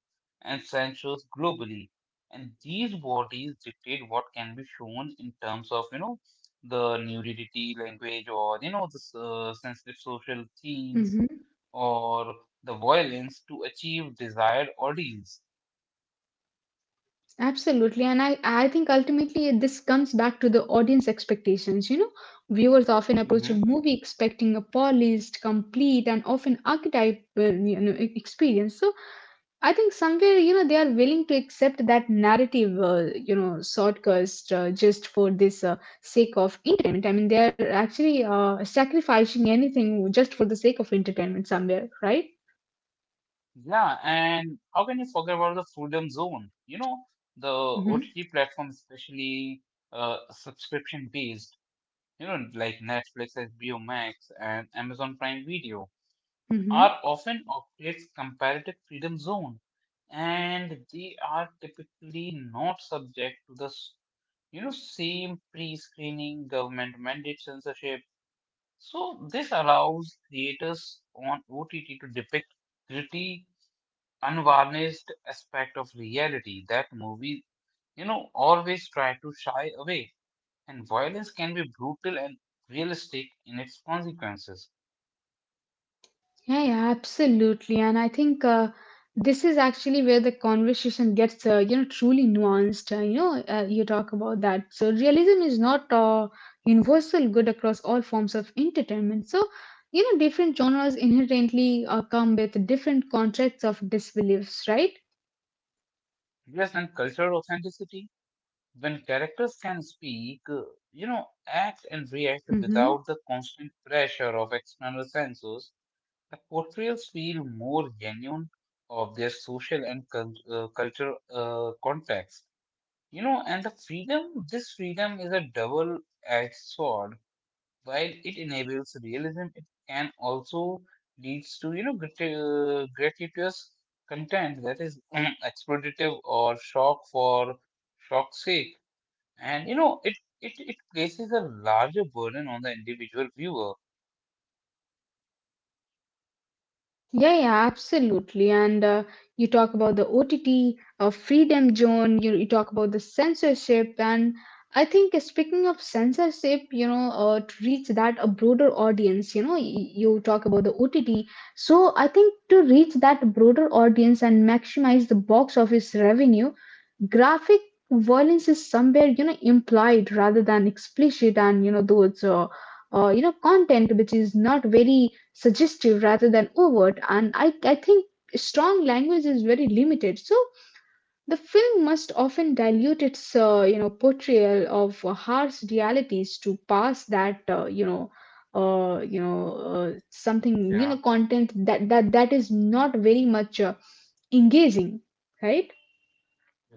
A: and censors globally, and these bodies dictate what can be shown in terms of you know the nudity, language, or you know sensitive social themes
B: Mm-hmm.
A: or the violence to achieve desired audience.
B: Absolutely. And I think ultimately this comes back to the audience expectations. You know, viewers often approach
A: Mhm.
B: a movie expecting a polished, complete, and often archetypal, you know, experience. So I think somewhere, you know, they are willing to accept that narrative, you know, shortcast just for this sake of entertainment. I mean, they are actually sacrificing anything just for the sake of entertainment somewhere, right?
A: Yeah, and how can you forget about the freedom zone? You know the
B: Mm-hmm.
A: OTT platform, especially subscription based you know, like Netflix, HBO Max, and Amazon Prime Video,
B: Mm-hmm.
A: are often of its comparative freedom zone, and they are typically not subject to you know, same pre-screening government mandate censorship. So this allows creators on OTT to depict gritty, unvarnished aspect of reality that movies, you know, always try to shy away and violence can be brutal and realistic in its consequences.
B: Yeah, yeah, absolutely. And I think this is actually where the conversation gets, you know, truly nuanced. You know, you talk about that. So realism is not universal good across all forms of entertainment. So, you know, different genres inherently come with different contracts of disbeliefs, right?
A: Yes, and cultural authenticity, when characters can speak, you know, act and react
B: Hmm.
A: without the constant pressure of external censors, the portrayals feel more genuine of their social and cultural context. You know, and this freedom is a double edged sword while it enables realism, it can also leads to you know gratuitous content that is exploitative or shock for shock's sake, and you know it places a larger burden on the individual viewer.
B: Yeah, yeah, absolutely. And you talk about the OTT, Freedom Zone, you talk about the censorship. And I think speaking of censorship, you know, to reach that a broader audience, you know, you talk about the OTT, so I think to reach that broader audience and maximize the box office revenue, graphic violence is somewhere, you know, implied rather than explicit, and you know those you know content which is not very suggestive rather than overt. And I think strong language is very limited. So the film must often dilute its you know portrayal of harsh realities to pass that uh, you know something, you know,
A: Yeah.
B: content that is not very much engaging, right?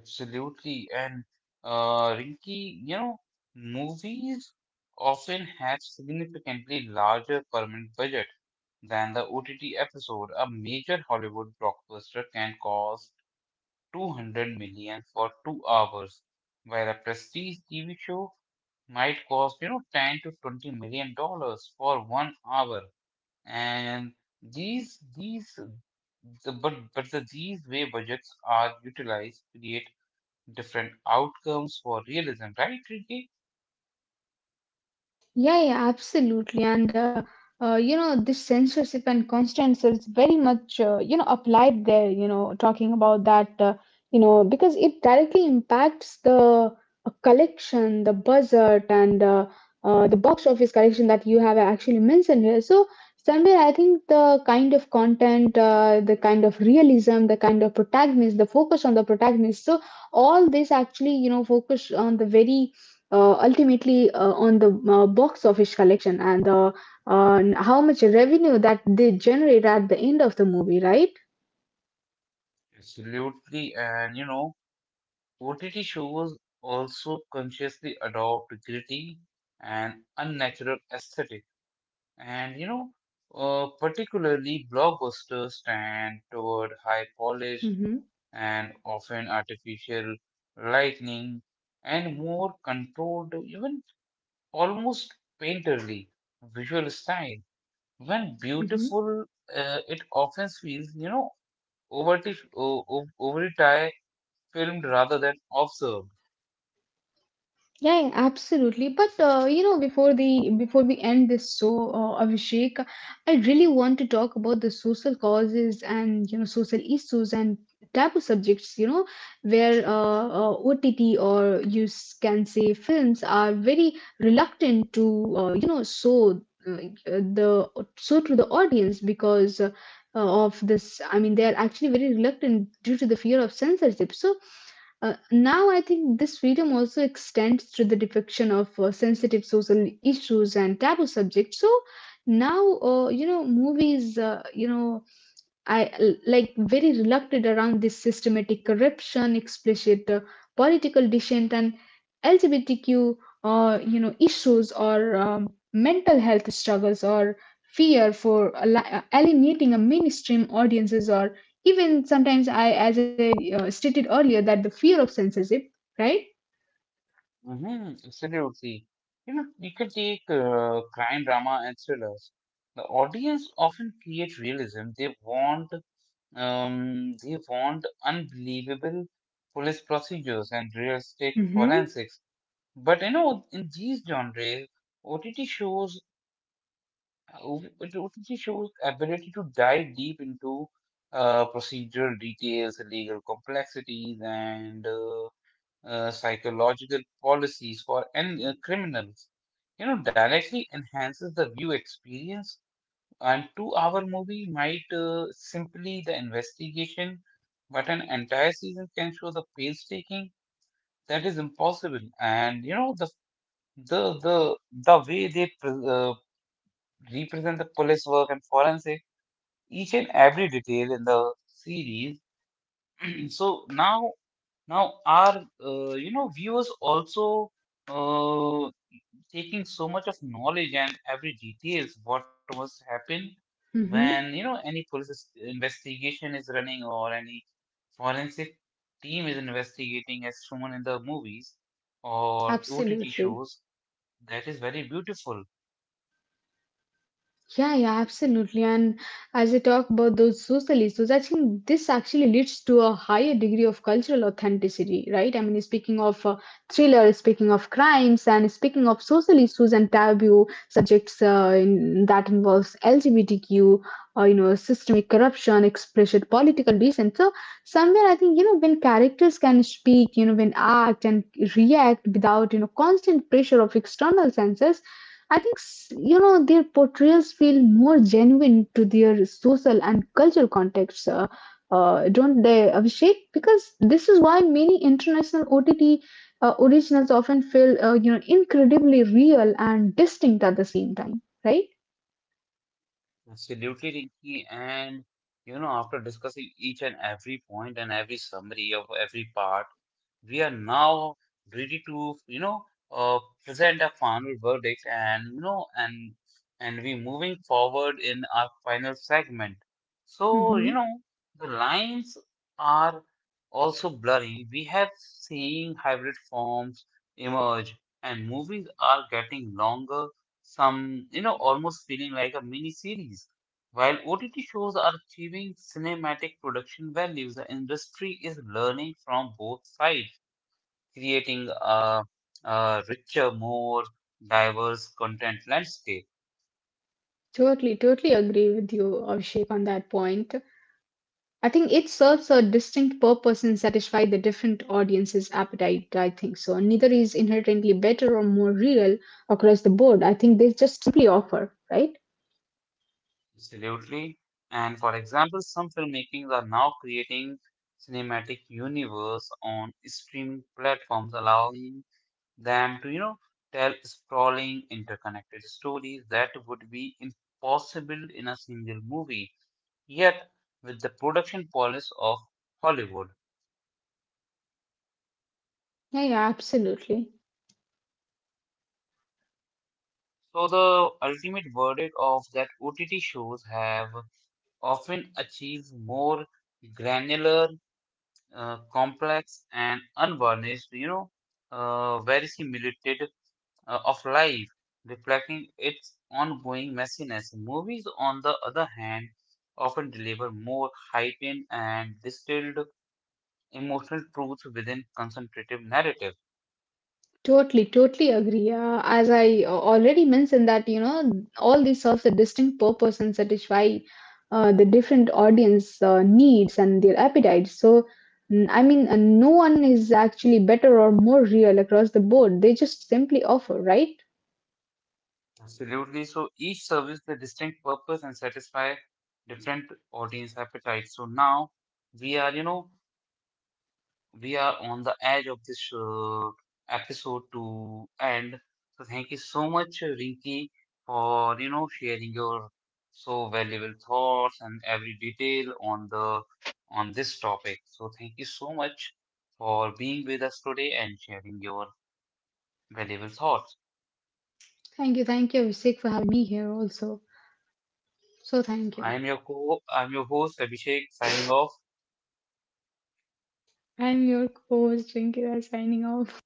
A: Absolutely, and Rinky, you know, movies often have significantly larger permanent budget than the OTT episode. A major Hollywood blockbuster can cost 200 million for 2 hours, where a prestige TV show might cost, you know, 10 to 20 million dollars for 1 hour. And these, the, but the, these way budgets are utilized to create different outcomes for realism, right, Ricky?
B: Yeah, yeah, absolutely. And you know, this censorship and constant is very much you know applied there. You know, talking about that, you know, because it directly impacts the collection, the budget, and the box office collection that you have actually mentioned here. So somewhere, I think the kind of content, the kind of realism, the kind of protagonist, the focus on the protagonist. So all this actually, you know, focus on the very ultimately on the box office collection and the how much revenue that they generate at the end of the movie, right?
A: Absolutely. And, you know, OTT shows also consciously adopt gritty and unnatural aesthetic. And you know, particularly blockbusters stand toward high polished
B: Mm-hmm.
A: and often artificial lighting and more controlled, even almost painterly visual style. When
B: Mm-hmm.
A: beautiful, it often feels, you know, overly filmed rather than observed.
B: Yeah, yeah, absolutely. But you know, before we end this show, Abhishek, I really want to talk about the social causes and you know social issues and taboo subjects. You know, where OTT or you can say films are very reluctant to you know show like, the show to the audience because of this. I mean, they are actually very reluctant due to the fear of censorship. So now, I think this freedom also extends to the depiction of sensitive social issues and taboo subjects. So now, you know, movies, you know, like very reluctant around this systematic corruption, explicit political dissent, and LGBTQ, you know, issues or mental health struggles or fear for alienating a mainstream audiences or even sometimes as I stated earlier, that the fear of censorship, right?
A: Hmm, absolutely. You know, you can take crime drama and thrillers. The audience often creates realism. They want unbelievable police procedures and realistic forensics. But you know, in these genres, OTT shows OTT shows ability to dive deep into procedural details, legal complexities, and psychological policies for and criminals you know directly enhances the view experience and 2 hour movie might simply the investigation but an entire season can show the painstaking that is impossible and you know the the, the way they represent the police work and forensic each and every detail in the series so now our you know viewers also uh, taking so much of knowledge and every details what must happen when
B: Hmm.
A: you know any investigation is running or any forensic team is investigating as shown in the movies or OTT
B: Absolutely.
A: shows that is very beautiful.
B: Yeah, yeah, absolutely. And as I talk about those social issues, I think this actually leads to a higher degree of cultural authenticity, right? I mean, speaking of thriller, speaking of crimes, and speaking of social issues and taboo subjects that involves LGBTQ, you know, systemic corruption, explicit political dissent. So somewhere, I think you know when characters can speak, you know, when act and react without you know constant pressure of external censors, I think, you know, their portrayals feel more genuine to their social and cultural contexts, don't they, Abhishek? Because this is why many international OTT originals often feel, you know, incredibly real and distinct at the same time, right?
A: Absolutely, Rinki. And you know, after discussing each and every point and every summary of every part, we are now ready to, uh, present our final verdict and and we moving forward in our final segment. So, you
B: Hmm.
A: know, the lines are also blurring. We have seen hybrid forms emerge, and movies are getting longer some, you know, almost feeling like a mini series. While OTT shows are achieving cinematic production values, the industry is learning from both sides, creating a richer, more diverse content landscape.
B: Totally, totally agree with you, Abhishek, on that point. I think it serves a distinct purpose and satisfies the different audience's appetite. I think so. Neither is inherently better or more real across the board. I think they just simply offer, right?
A: Absolutely. And for example, some filmmakings are now creating cinematic universe on streaming platforms, allowing them to, you know, tell sprawling, interconnected stories that would be impossible in a single movie, yet with the production policy of Hollywood.
B: Yeah, yeah, absolutely.
A: So the ultimate verdict of that OTT shows have often achieved more granular, complex and unvarnished, you know, verisimilitude of life, reflecting its ongoing messiness. Movies, on the other hand, often deliver more heightened and distilled emotional truths within concentrative narrative.
B: Totally, totally agree. As I already mentioned that, you know, all these serves a distinct purpose and satisfy the different audience needs and their appetites. So, I mean, no one is actually better or more real across the board. They just simply offer, right?
A: Absolutely. So each serves the distinct purpose and satisfy different audience appetites. So now we are, you know, we are on the edge of this episode to end. So thank you so much, Rinki, for you know sharing your so valuable thoughts and every detail on the on this topic. So thank you so much for being with us today and sharing your valuable thoughts.
B: Thank you, Abhishek, for having me here also. So,
A: So
B: thank you.
A: I'm your host Abhishek signing off.
B: I'm your host, Rinki, signing off.